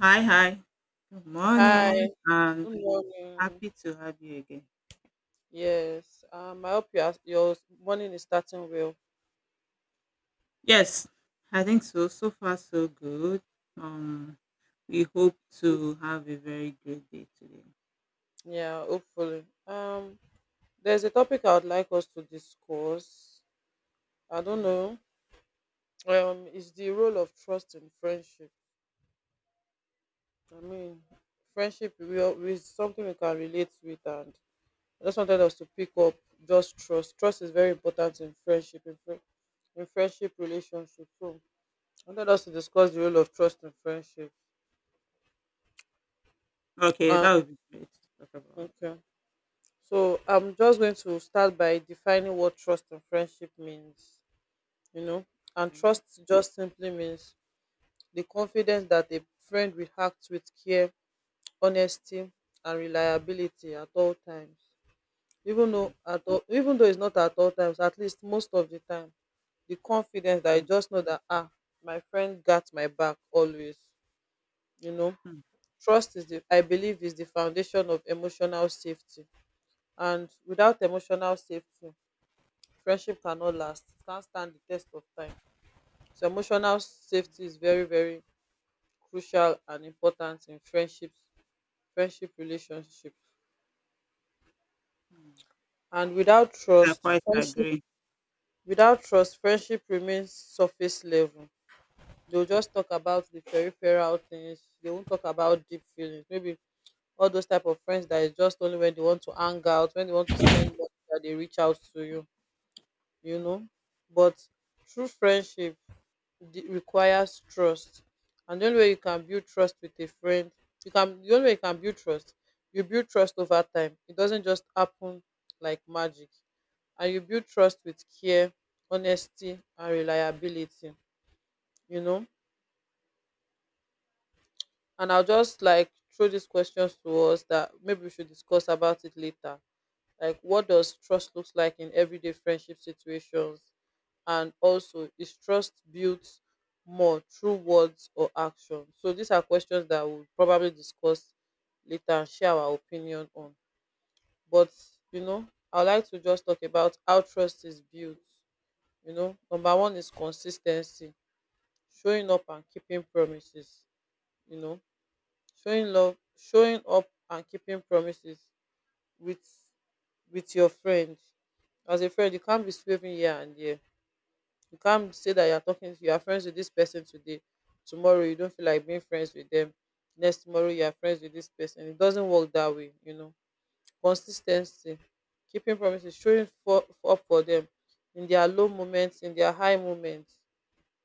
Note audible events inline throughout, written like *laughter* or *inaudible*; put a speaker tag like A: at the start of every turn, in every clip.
A: Hi, hi. Good
B: Hi,
A: morning. I'm
B: good morning.
A: happy to have you again.
B: Yes, I hope your morning is starting well.
A: Yes, I think so. So far, so good. Um, we hope to have a very great day today.
B: Yeah, hopefully. There's a topic I would like us to discuss. I don't
A: Mm.
B: know. Is the role of trust in friendship. I mean, friendship will is something we can relate with, and I just wanted us to pick up just trust. Trust is very important in friendship, in friendship relationship. So, I wanted us to discuss the role of trust in friendship.
A: Okay,
B: Um,
A: that would be great to talk about.
B: okay. So I'm just going to start by defining what trust and friendship means, you know. And
A: Okay.
B: trust just simply means the confidence that a friend will act with care, honesty, and reliability at all times.
A: Mm,
B: Even though it's not at all times, at least most of the time, the confidence that I
A: mm,
B: just know that my friend got my back always. You know,
A: mm,
B: trust is the I believe is the foundation of emotional safety, and without emotional safety friendship cannot last. It can't stand the test of time. So emotional safety is very very crucial and important in friendships friendship relationship.
A: mm.
B: And without
A: I
B: trust
A: quite agree.
B: friendship remains surface level. They will just talk about the peripheral things. They won't talk about deep feelings, maybe all those type of friends that is just only when they want to hang out, when they want to spend money, that they reach out to you you know But true friendship requires trust. And the only way you can build trust with a friend, you can the only way you can build trust you build trust over time. It doesn't just happen like magic. And you build trust with care, honesty, and reliability you know and I'll just like throw these questions to us that maybe we should discuss about it later. Like, what does trust looks like in everyday friendship situations? And also, is trust built more through words or action? So these are questions that we'll probably discuss later and share our opinion on. But you know, I would like to just talk about how trust is built. Number one is consistency, showing up and keeping promises. You know, showing love, showing up and keeping promises with your friend. As a friend, you can't be swerving here and there. You can't say that you're talking to you're friends with this person today. Tomorrow you don't feel like being friends with them. Next tomorrow you are friends with this person. It doesn't work that way. Consistency, keeping promises, showing for up for them in their low moments, in their high moments.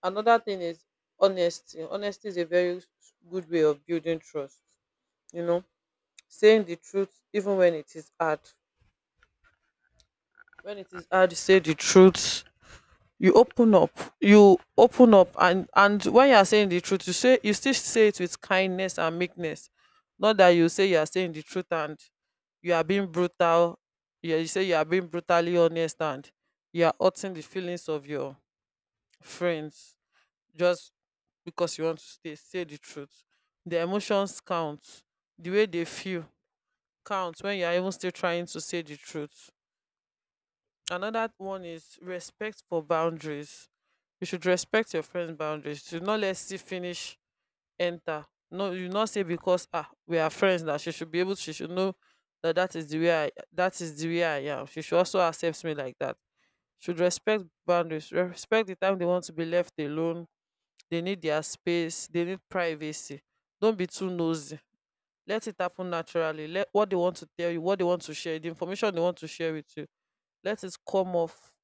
B: Another thing is honesty. Honesty is a very good way of building trust, you know. Saying the truth even when it is hard, when it is hard to say the truth, you open up you open up. And when you are saying the truth, you still say it with kindness and meekness. Not that you say you are saying the truth and you are being brutal. Yeah, you say you are being brutally honest and you are hurting the feelings of your friends just because you want to stay say the truth. The emotions count, the way they feel count when you are even still trying to say the truth. Another one is respect for boundaries. You should respect your friend's boundaries. You should not let see finish enter. No, you not say because we are friends that she should be able. She should know that that is the way I that is the way I am. She should also accept me like that. Should respect boundaries. Respect the time they want to be left alone. They need their space. They need privacy. Don't be too nosy. Let it happen naturally. Let what they want to tell you, what they want to share, the information they want to share with you. Let it come off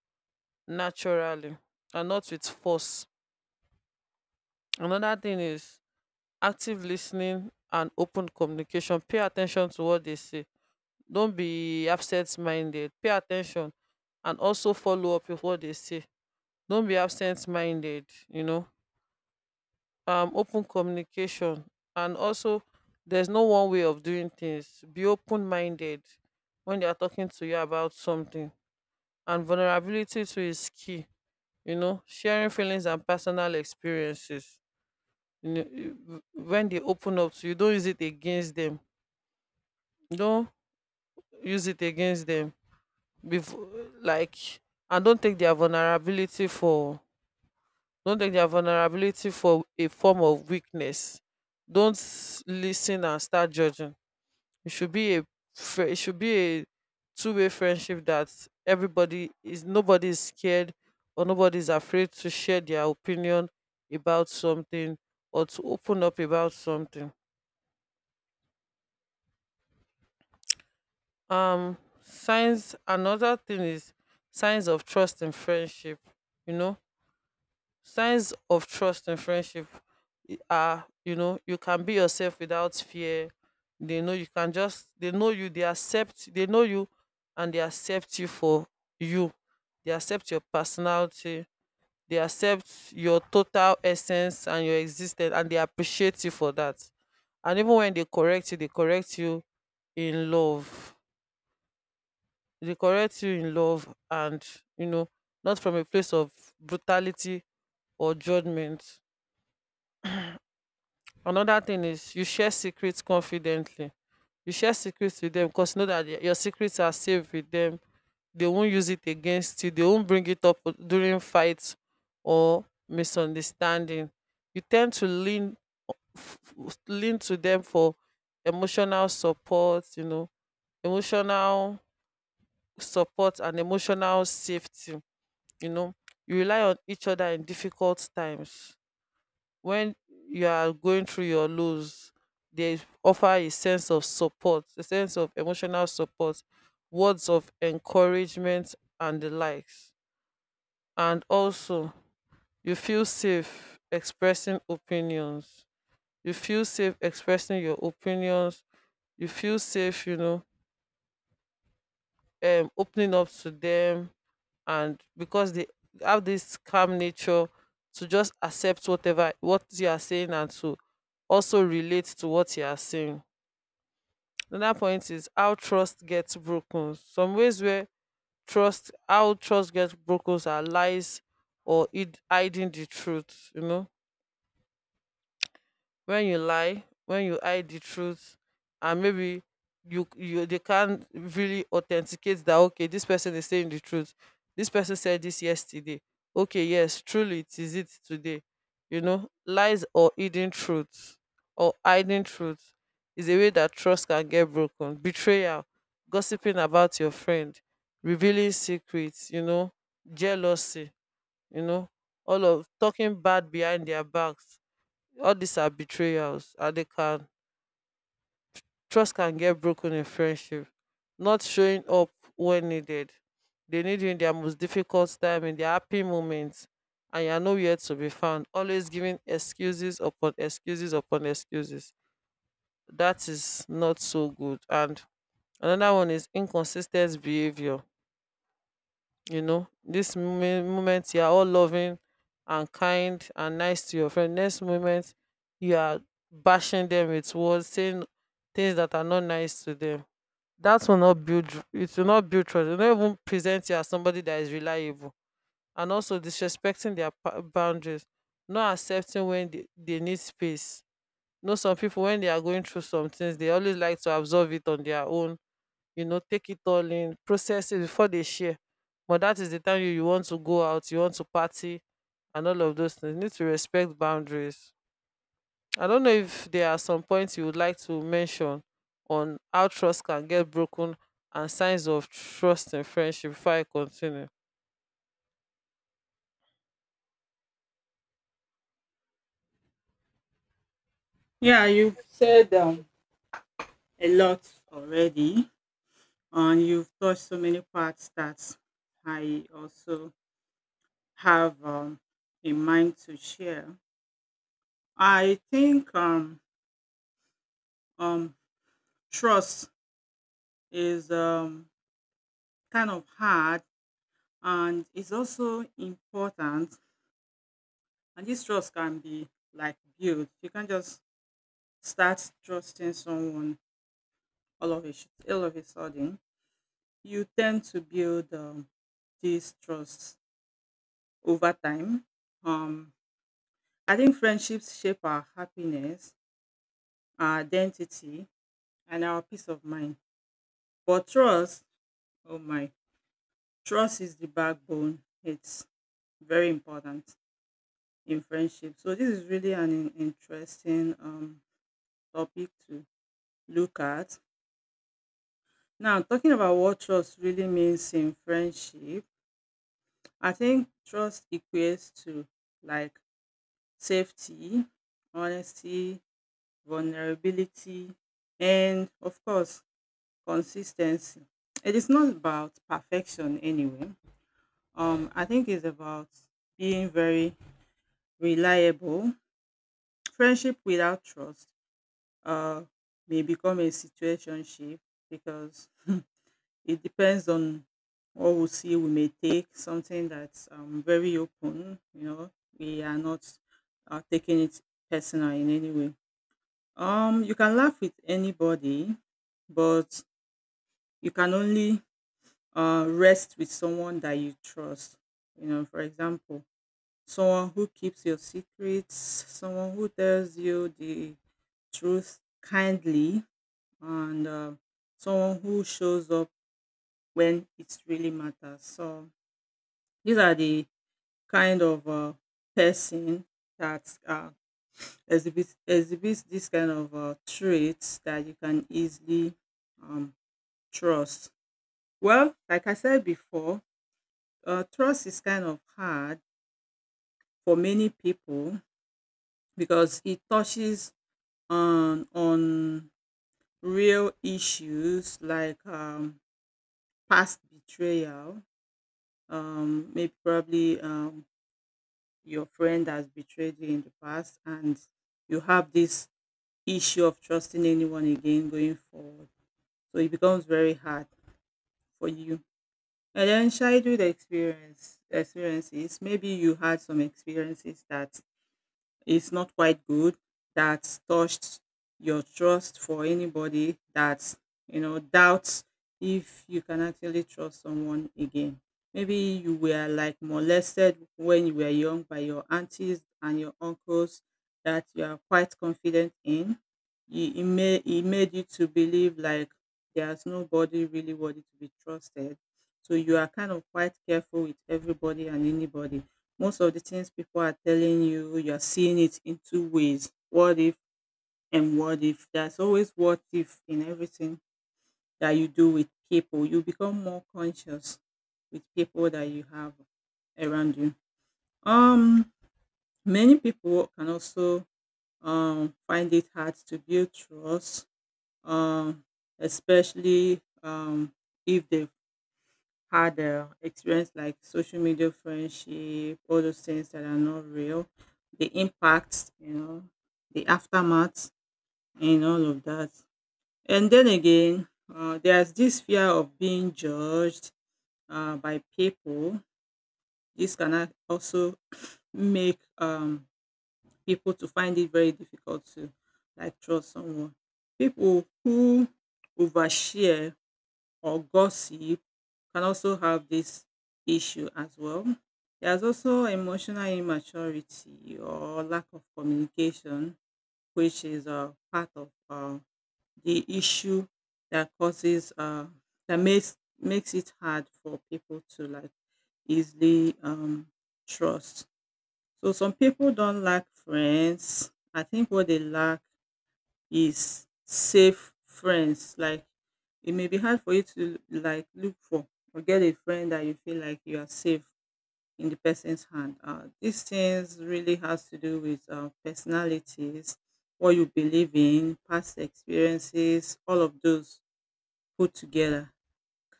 B: naturally and not with force. Another thing is active listening and open communication. Pay attention to what they say. Don't be absent minded. Pay attention and also follow up with what they say. Don't be absent minded. Open communication, and also there's no one way of doing things. Be open minded when they are talking to you about something. And vulnerability too is key, sharing feelings and personal experiences. When they open up to you, don't use it against them. Don't use it against them. Before, like, and don't take their vulnerability for a form of weakness. Don't listen and start judging. It should be a two-way friendship that everybody is nobody is scared, or nobody is afraid to share their opinion about something or to open up about something. Um signs Another thing is signs of trust in friendship. you know signs of trust in friendship are you can be yourself without fear. They know you can just they know you they accept They know you and they accept you for you. They accept your personality. They accept your total essence and your existence, and they appreciate you for that. And even when they correct you in love they correct you in love and you know not from a place of brutality or judgment. Another thing is you share secrets confidently. You share secrets with them because you know that your secrets are safe with them. They won't use it against you. They won't bring it up during fights or misunderstanding. You tend to f- lean to them for emotional support. Emotional support and emotional safety you know you rely on each other in difficult times. When you are going through your lows, they offer a sense of support, a sense of emotional support, words of encouragement and the likes. And also, you feel safe expressing opinions you feel safe expressing your opinions. You feel safe, opening up to them. And because they have this calm nature to just accept what you are saying and to also relate to what you are saying. Another point is how trust gets broken. Some ways where trust how trust gets broken are lies or hiding the truth. When you lie, when you hide the truth, and maybe you you they can't really authenticate that, okay, this person is saying the truth. This person said this yesterday, okay, yes, truly it is it today. Lies, or hidden truth or hiding truth is a way that trust can get broken. Betrayal, gossiping about your friend, revealing secrets, jealousy, you know all of talking bad behind their backs, all these are betrayals and they can trust can get broken in friendship. Not showing up when needed. They need you in their most difficult time, in their happy moments, and you're nowhere to be found, always giving excuses upon excuses upon excuses. That is not so good. And another one is inconsistent behavior. This moment, you are all loving and kind and nice to your friend. Next moment you are bashing them with words, saying things that are not nice to them. That will not build It will not build trust. It will not even present you as somebody that is reliable. And also disrespecting their boundaries. Not accepting when they need space. Some people when they are going through some things, they always like to absorb it on their own, take it all in, process it before they share. But that is the time you want to go out, you want to party, and all of those things. You need to respect boundaries. I don't know if there are some points you would like to mention on how trust can get broken and signs of trust in friendship before I continue.
A: Yeah, you've said a lot already, and you've touched so many parts that I also have in mind to share. I think um, trust is kind of hard and it's also important. And this trust can be like built. You can't just start trusting someone all of a sudden. You tend to build this trust over time. Um, I think friendships shape our happiness, our identity, and our peace of mind. But trust, oh my, trust is the backbone. It's very important in friendship. So this is really an interesting topic to look at. Now, talking about what trust really means in friendship, I think trust equates to like safety, honesty, vulnerability, and of course, consistency. It is not about perfection anyway. I think it's about being very reliable. Friendship without trust uh, may become a situationship because *laughs* it depends on what we see. We may take something that's very open, you know, we are not taking it personal in any way. You can laugh with anybody, but you can only rest with someone that you trust. You know, for example, someone who keeps your secrets, someone who tells you the truth kindly, and someone who shows up when it really matters. So these are the kind of person that exhibits this kind of traits that you can easily um, trust. Well, like I said before, trust is kind of hard for many people because it touches on real issues like past betrayal. Maybe probably your friend has betrayed you in the past, and you have this issue of trusting anyone again going forward, so it becomes very hard for you. And then childhood experiences, maybe you had some experiences that it's not quite good, that's touched your trust for anybody, that's, you know, doubts if you can actually trust someone again. Maybe you were like molested when you were young by your aunties and your uncles that you are quite confident in. It made you to believe like there's nobody really worthy to be trusted, so you are kind of quite careful with everybody and anybody. Most of the things people are telling you, you're seeing it in two ways. What if and what if? There's always what if in everything that you do with people. You become more conscious with people that you have around you. Um, many people can also find it hard to build trust, um, especially if they had experience like social media friendship, all those things that are not real, the impacts, you know, the aftermath, and all of that. And then again, there's this fear of being judged by people. This can also make people to find it very difficult to like trust someone. People who overshare or gossip can also have this issue as well. There's also emotional immaturity or lack of communication, which is part of the issue that causes that makes it hard for people to like easily trust. So some people don't lack friends. I think what they lack is safe friends. Like it may be hard for you to like look for or get a friend that you feel like you are safe in the person's hand. These things really has to do with personalities, what you believe in, past experiences, all of those put together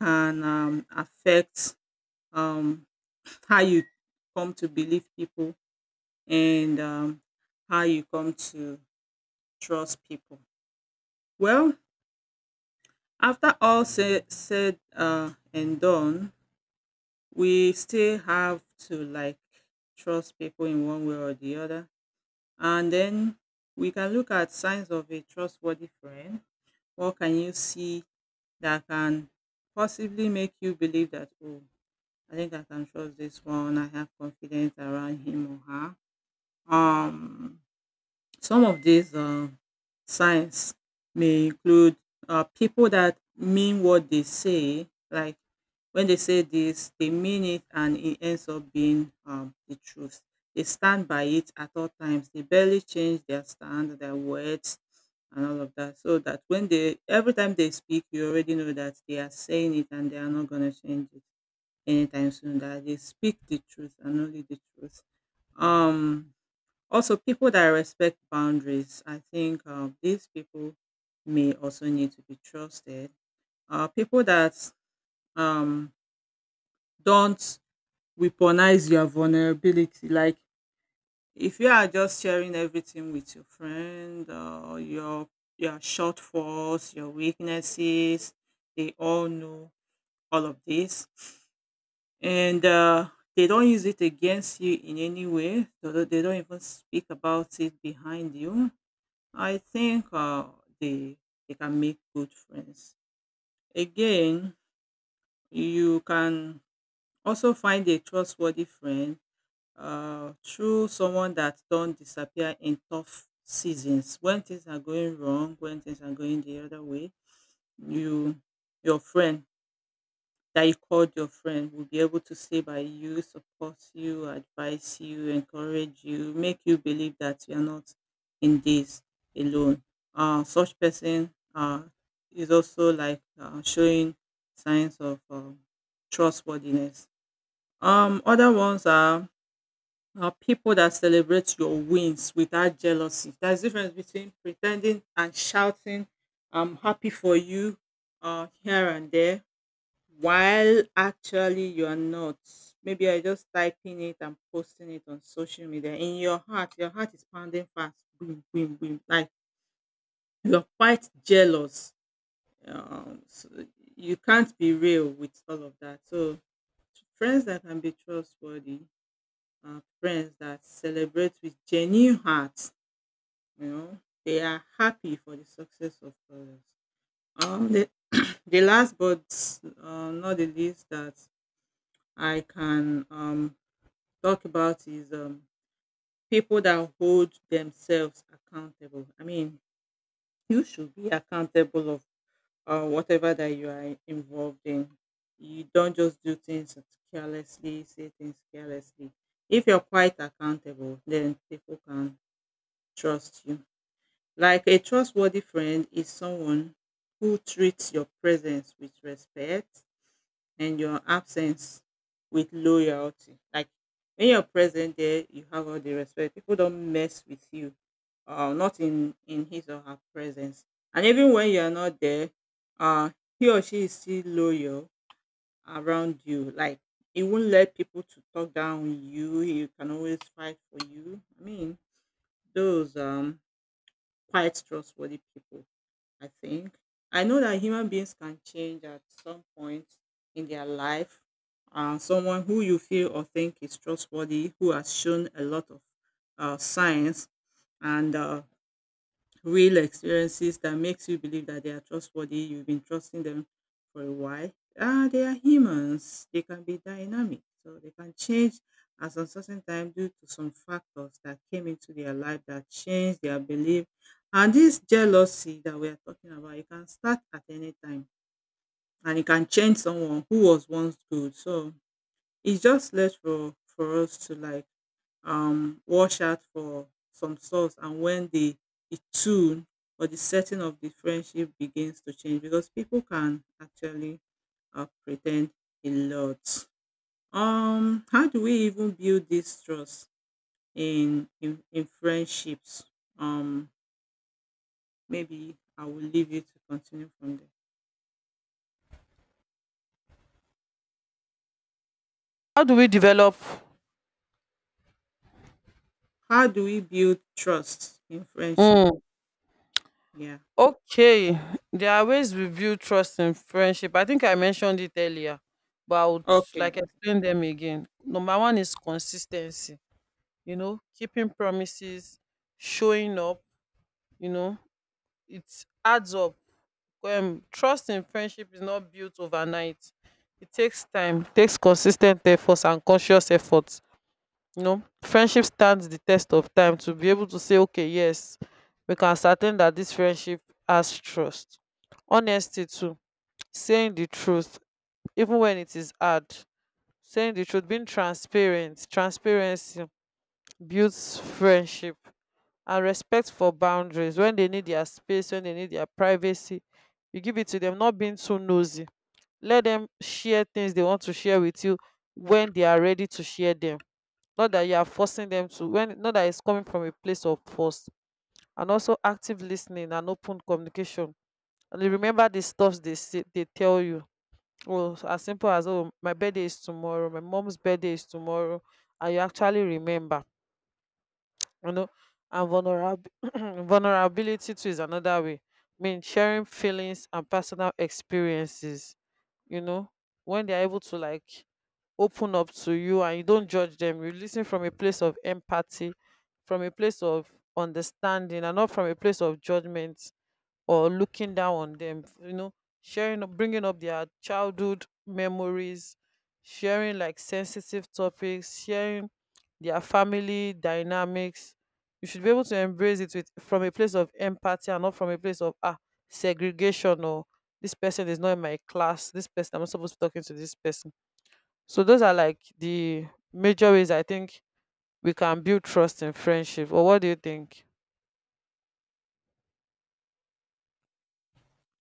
A: can affect um, how you come to believe people, and how you come to trust people. Well, after all said and done, we still have to like trust people in one way or the other. And then we can look at signs of a trustworthy friend. What can you see that can possibly make you believe that, oh, I think I can trust this one. I have confidence around him or her. Um, Some of these signs may include people that mean what they say, like when they say this, they mean it and it ends up being the truth. They stand by it at all times. They barely change their stand, their words, and all of that. So that when they, every time they speak, you already know that they are saying it and they are not going to change it anytime soon. That they speak the truth and only the truth. Um, also, people that respect boundaries, I think these people may also need to be trusted. People that um, don't weaponize your vulnerability, like if you are just sharing everything with your friend, your shortfalls, your weaknesses, they all know all of this, and they don't use it against you in any way. They don't, they don't even speak about it behind you. I think they they can make good friends. Again, you can also find a trustworthy friend through someone that don't disappear in tough seasons. When things are going wrong, when things are going the other way, you, your friend that you called your friend, will be able to stay by you, support you, advise you, encourage you, make you believe that you are not in this alone. Such person is also like showing signs of trustworthiness. Other ones are people that celebrate your wins without jealousy. There's difference between pretending and shouting, "I'm happy for you," here and there while actually you are not. Maybe you're just typing it and posting it on social media. In your heart is pounding fast. Boom, boom, boom. Like you're quite jealous. So you can't be real with all of that. So friends that can be trustworthy are friends that celebrate with genuine hearts. You know, they are happy for the success of others. The the last but not the least that I can talk about is people that hold themselves accountable. I mean, you should be accountable of whatever that you are involved in. You don't just do things carelessly, say things carelessly. If you're quite accountable, then people can trust you. Like a trustworthy friend is someone who treats your presence with respect and your absence with loyalty. Like when you're present there, you have all the respect. People don't mess with you, not in his or her presence. And even when you're not there, uh, he or she is still loyal around you. Like he won't let people to talk down on you. He can always fight for you. I mean, those quite trustworthy people, I think. I know that human beings can change at some point in their life. Someone who you feel or think is trustworthy, who has shown a lot of signs and real experiences that makes you believe that they are trustworthy. You've been trusting them for a while. Ah, they are humans. They can be dynamic, so they can change at some certain time due to some factors that came into their life that changed their belief. And this jealousy that we are talking about, it can start at any time, and it can change someone who was once good. So it's just left for us to like watch out for some source and when the tune or the setting of the friendship begins to change, because people can actually pretend a lot. How do we even build this trust in friendships? Um, maybe I will leave you to continue from there.
B: How do we develop?
A: How do we build trust in friendship?
B: Mm.
A: Yeah.
B: Okay. There are ways we build trust in friendship. I think I mentioned it earlier, but I would
A: Okay,
B: like
A: okay.
B: explain them again. Number one is consistency, keeping promises, showing up, you know, it adds up. Trust in friendship is not built overnight. It takes time, takes consistent efforts and conscious efforts. Friendship stands the test of time to be able to say, okay, yes, we can ascertain that this friendship has trust. Honesty too, saying the truth, even when it is hard. Saying the truth, being transparent, transparency builds friendship and respect for boundaries. When they need their space, when they need their privacy, you give it to them, not being too nosy. Let them share things they want to share with you when they are ready to share them, not that you are forcing them to, when not that it's coming from a place of force. And also active listening and open communication, and you remember the stuffs they say, they tell you, oh, as simple as, oh, my birthday is tomorrow, my mom's birthday is tomorrow, and you actually remember, you know and *clears throat* vulnerability too is another way. I mean, sharing feelings and personal experiences, you know when they're able to like open up to you and you don't judge them, you listen from a place of empathy, from a place of understanding, and not from a place of judgment or looking down on them, sharing bringing up their childhood memories, sharing like sensitive topics, sharing their family dynamics, you should be able to embrace it with from a place of empathy and not from a place of segregation, or this person is not in my class, this person I'm not supposed to be talking to, this person. So those are like the major ways I think we can build trust in friendship. Or what do you think?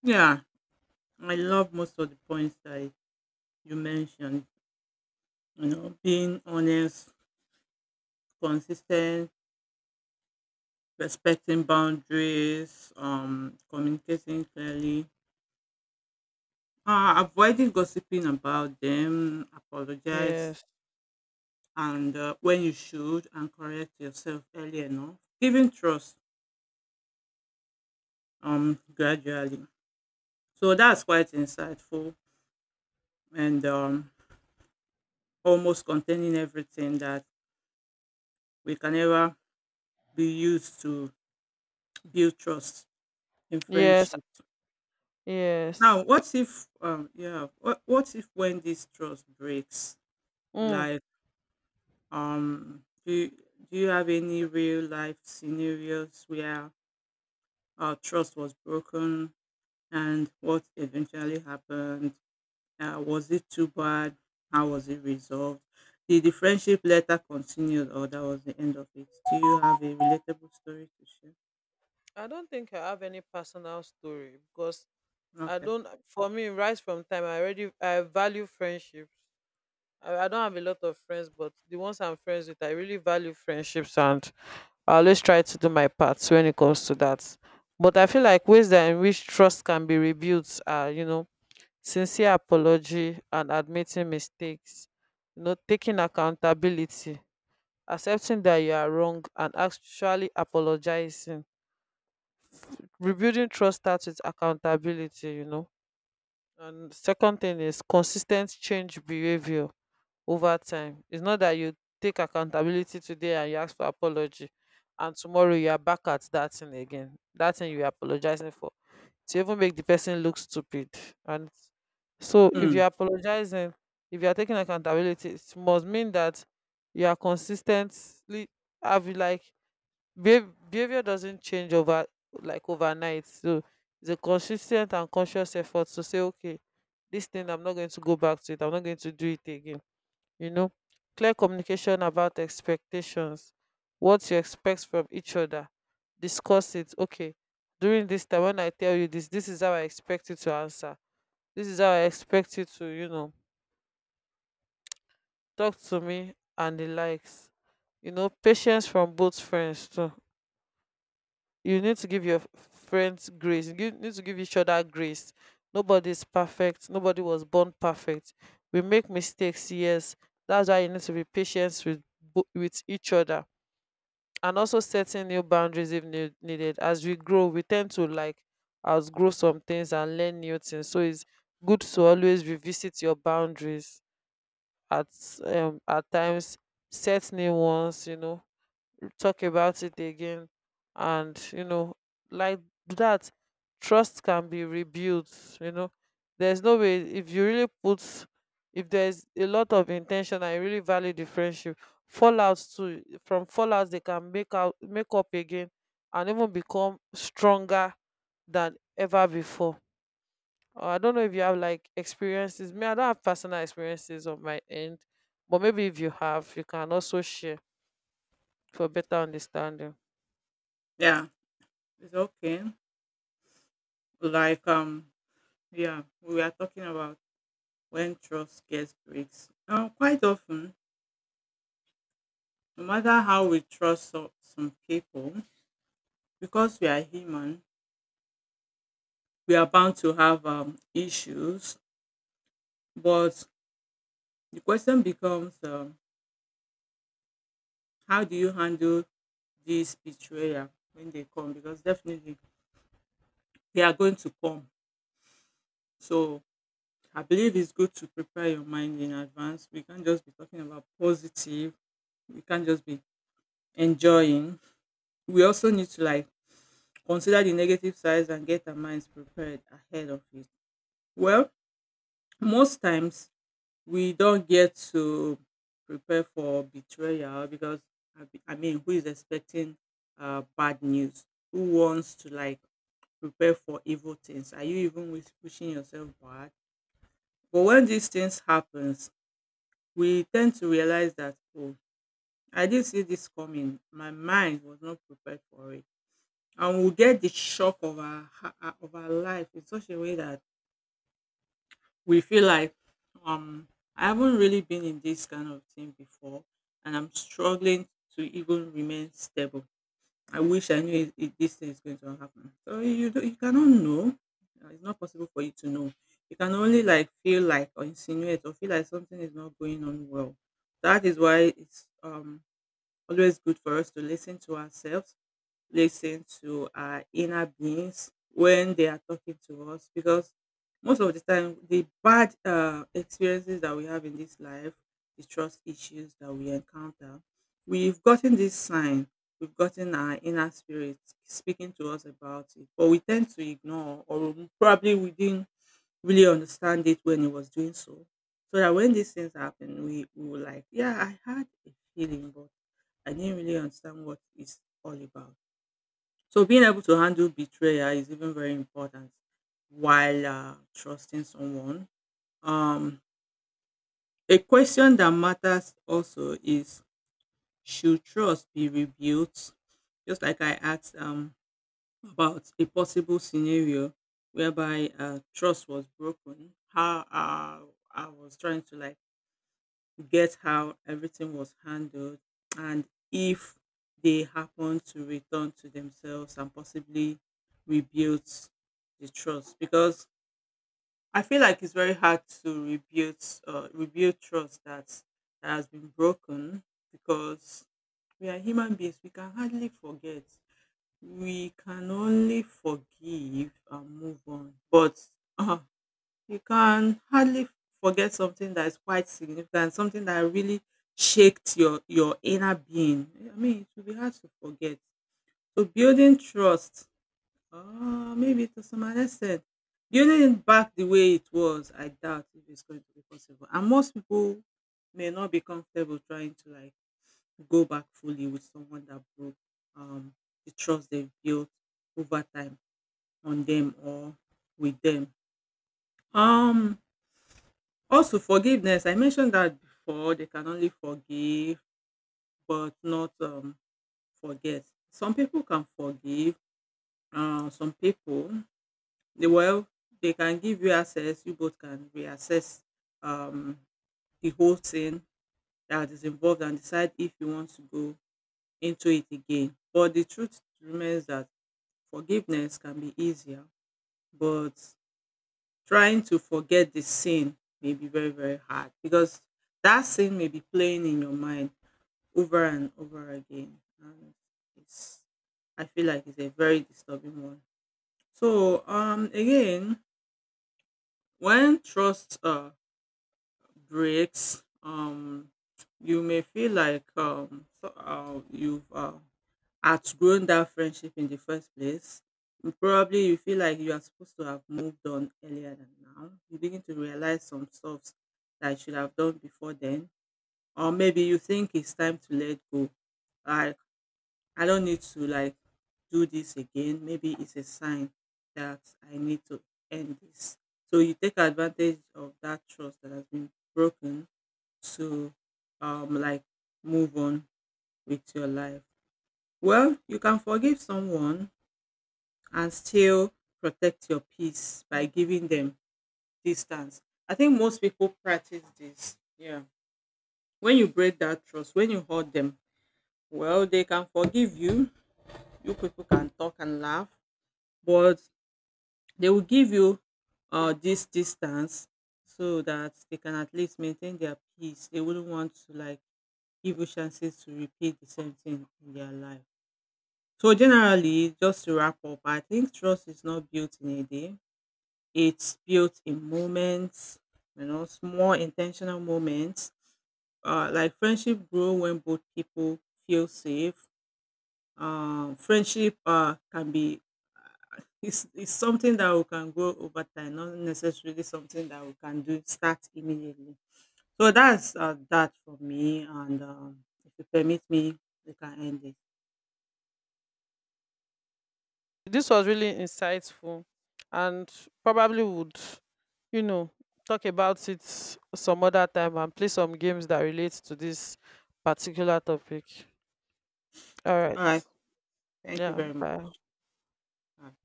A: Yeah, I love most of the points that you mentioned. You know, being honest, consistent, respecting boundaries, communicating clearly, avoiding gossiping about them, apologize,
B: Yes.
A: and when you should, and correct yourself early enough, giving trust, gradually. So that's quite insightful, and almost containing everything that we can ever be used to build trust in
B: Yes.
A: friendship. Now,
B: Yes.
A: what if, yeah, what if when this trust breaks,
B: Mm.
A: like, um, do you, do you have any real life scenarios where trust was broken and what eventually happened? Was it too bad? How was it resolved? Did the friendship later continue or that was the end of it? Do you have a relatable story to share?
B: I don't think I have any personal story because I
A: Okay.
B: don't. For me, right from time, I already I value friendships. I don't have a lot of friends, but the ones I'm friends with, I really value friendships, and I always try to do my part when it comes to that. But I feel like ways that in which trust can be rebuilt are, you know, sincere apology and admitting mistakes. You know, taking accountability, accepting that you are wrong, and actually apologizing. Rebuilding trust starts with accountability. You know, and second thing is consistent change behavior over time. It's not that you take accountability today and you ask for apology, and tomorrow you are back at that thing again, that thing you are apologizing for, to even make the person look stupid. And so if
A: Hmm.
B: you're apologizing, if you're taking accountability, it must mean that you are consistently have like behavior doesn't change over like overnight. So it's a consistent and conscious effort to say, okay, this thing, I'm not going to go back to it, I'm not going to do it again, you know clear communication about expectations, what you expect from each other. Discuss it. Okay, during this time, when I tell you this, this is how I expect you to answer, this is how I expect you to, talk to me and the likes. You know, patience from both friends too. You need to give your friends grace, you need to give each other grace. Nobody is perfect, nobody was born perfect, we make mistakes, yes. That's why you need to be patient with with each other. And also setting new boundaries if needed. As we grow, we tend to like outgrow some things and learn new things, so it's good to always revisit your boundaries at at times, set new ones, talk about it again. And you know, like, that trust can be rebuilt. You know, there's no way, if you really put, if there's a lot of intention and you really value the friendship. Fallouts too, from fallouts, they can make up again and even become stronger than ever before. I don't know if you have like experiences. Me, I don't have personal experiences on my end, but maybe if you have, you can also share for better understanding.
A: Yeah, it's okay. Like, yeah, we are talking about when trust gets breaks? Quite often, no matter how we trust some people, because we are human, we are bound to have issues. But the question becomes, how do you handle this betrayal when they come? Because definitely they are going to come. So I believe it's good to prepare your mind in advance. We can't just be talking about positive. We can't just be enjoying. We also need to like consider the negative sides and get our minds prepared ahead of it. Well, most times we don't get to prepare for betrayal because I mean, who is expecting bad news? Who wants to like prepare for evil things? Are you even wishing yourself bad? But when these things happens, we tend to realize that oh, I didn't see this coming. My mind was not prepared for it, and we get the shock of of our life in such a way that we feel like um I haven't really been in this kind of thing before and I'm struggling to even remain stable. I wish I knew this thing is going to happen. So you do, you cannot know. It's not possible for you to know. You can only like feel like or insinuate or feel like something is not going on well. That is why it's always good for us to listen to ourselves, listen to our inner beings when they are talking to us, because most of the time the bad experiences that we have in this life, the trust issues that we encounter, we've gotten this sign, we've gotten our inner spirit speaking to us about it, but we tend to ignore, or probably we didn't really understand it when it was doing so, so that when these things happen we were like, yeah, I had a feeling but I didn't really understand what it's all about. So being able to handle betrayal is even very important while trusting someone. Um, a question that matters also is, should trust be rebuilt? Just like I asked about a possible scenario whereby trust was broken, how I was trying to like get how everything was handled, and if they happen to return to themselves and possibly rebuild the trust, because I feel like it's very hard to rebuild trust that has been broken, because we are human beings, we can hardly forget, we can only forgive and move on, but *laughs* you can hardly forget something that is quite significant, something that really shaked your inner being. I mean, it will be hard to forget. So building trust, maybe to some extent, building it back the way it was, I doubt if it's going to be possible. And most people may not be comfortable trying to like go back fully with someone that broke um, the trust they've built over time on them or with them. Um, Also forgiveness, I mentioned that before, they can only forgive but not forget. Some people can forgive, some people, they, well, they can give you access, you both can reassess um, the whole thing that is involved and decide if you want to go into it again. But the truth remains that forgiveness can be easier, but trying to forget the sin may be very, very hard, because that sin may be playing in your mind over and over again, and it's I feel like it's a very disturbing one. So again, when trust breaks, you may feel like you've outgrown that friendship in the first place, probably you feel like you are supposed to have moved on earlier, than now you begin to realize some stuff that you should have done before then, or maybe you think it's time to let go. I don't need to like do this again. Maybe it's a sign that I need to end this. So you take advantage of that trust that has been broken to um like move on with your life. Well, you can forgive someone and still protect your peace by giving them distance. I think most people practice this. Yeah. When you break that trust, when you hurt them, well, they can forgive you. You people can talk and laugh, but they will give you this distance so that they can at least maintain their peace. They wouldn't want to like give you chances to repeat the same thing in their life. So generally, just to wrap up, I think trust is not built in a day. It's built in moments, you know, small intentional moments. Like friendship grow when both people feel safe. Friendship can be, it's something that we can grow over time, not necessarily something that we can do start immediately. So that's that for me, and if you permit me, we can end it.
B: This was really insightful, and probably would, you know, talk about it some other time and play some games that relate to this particular topic. All right.
A: All right. Thank you
B: Yeah,
A: very much.
B: bye.
A: All right.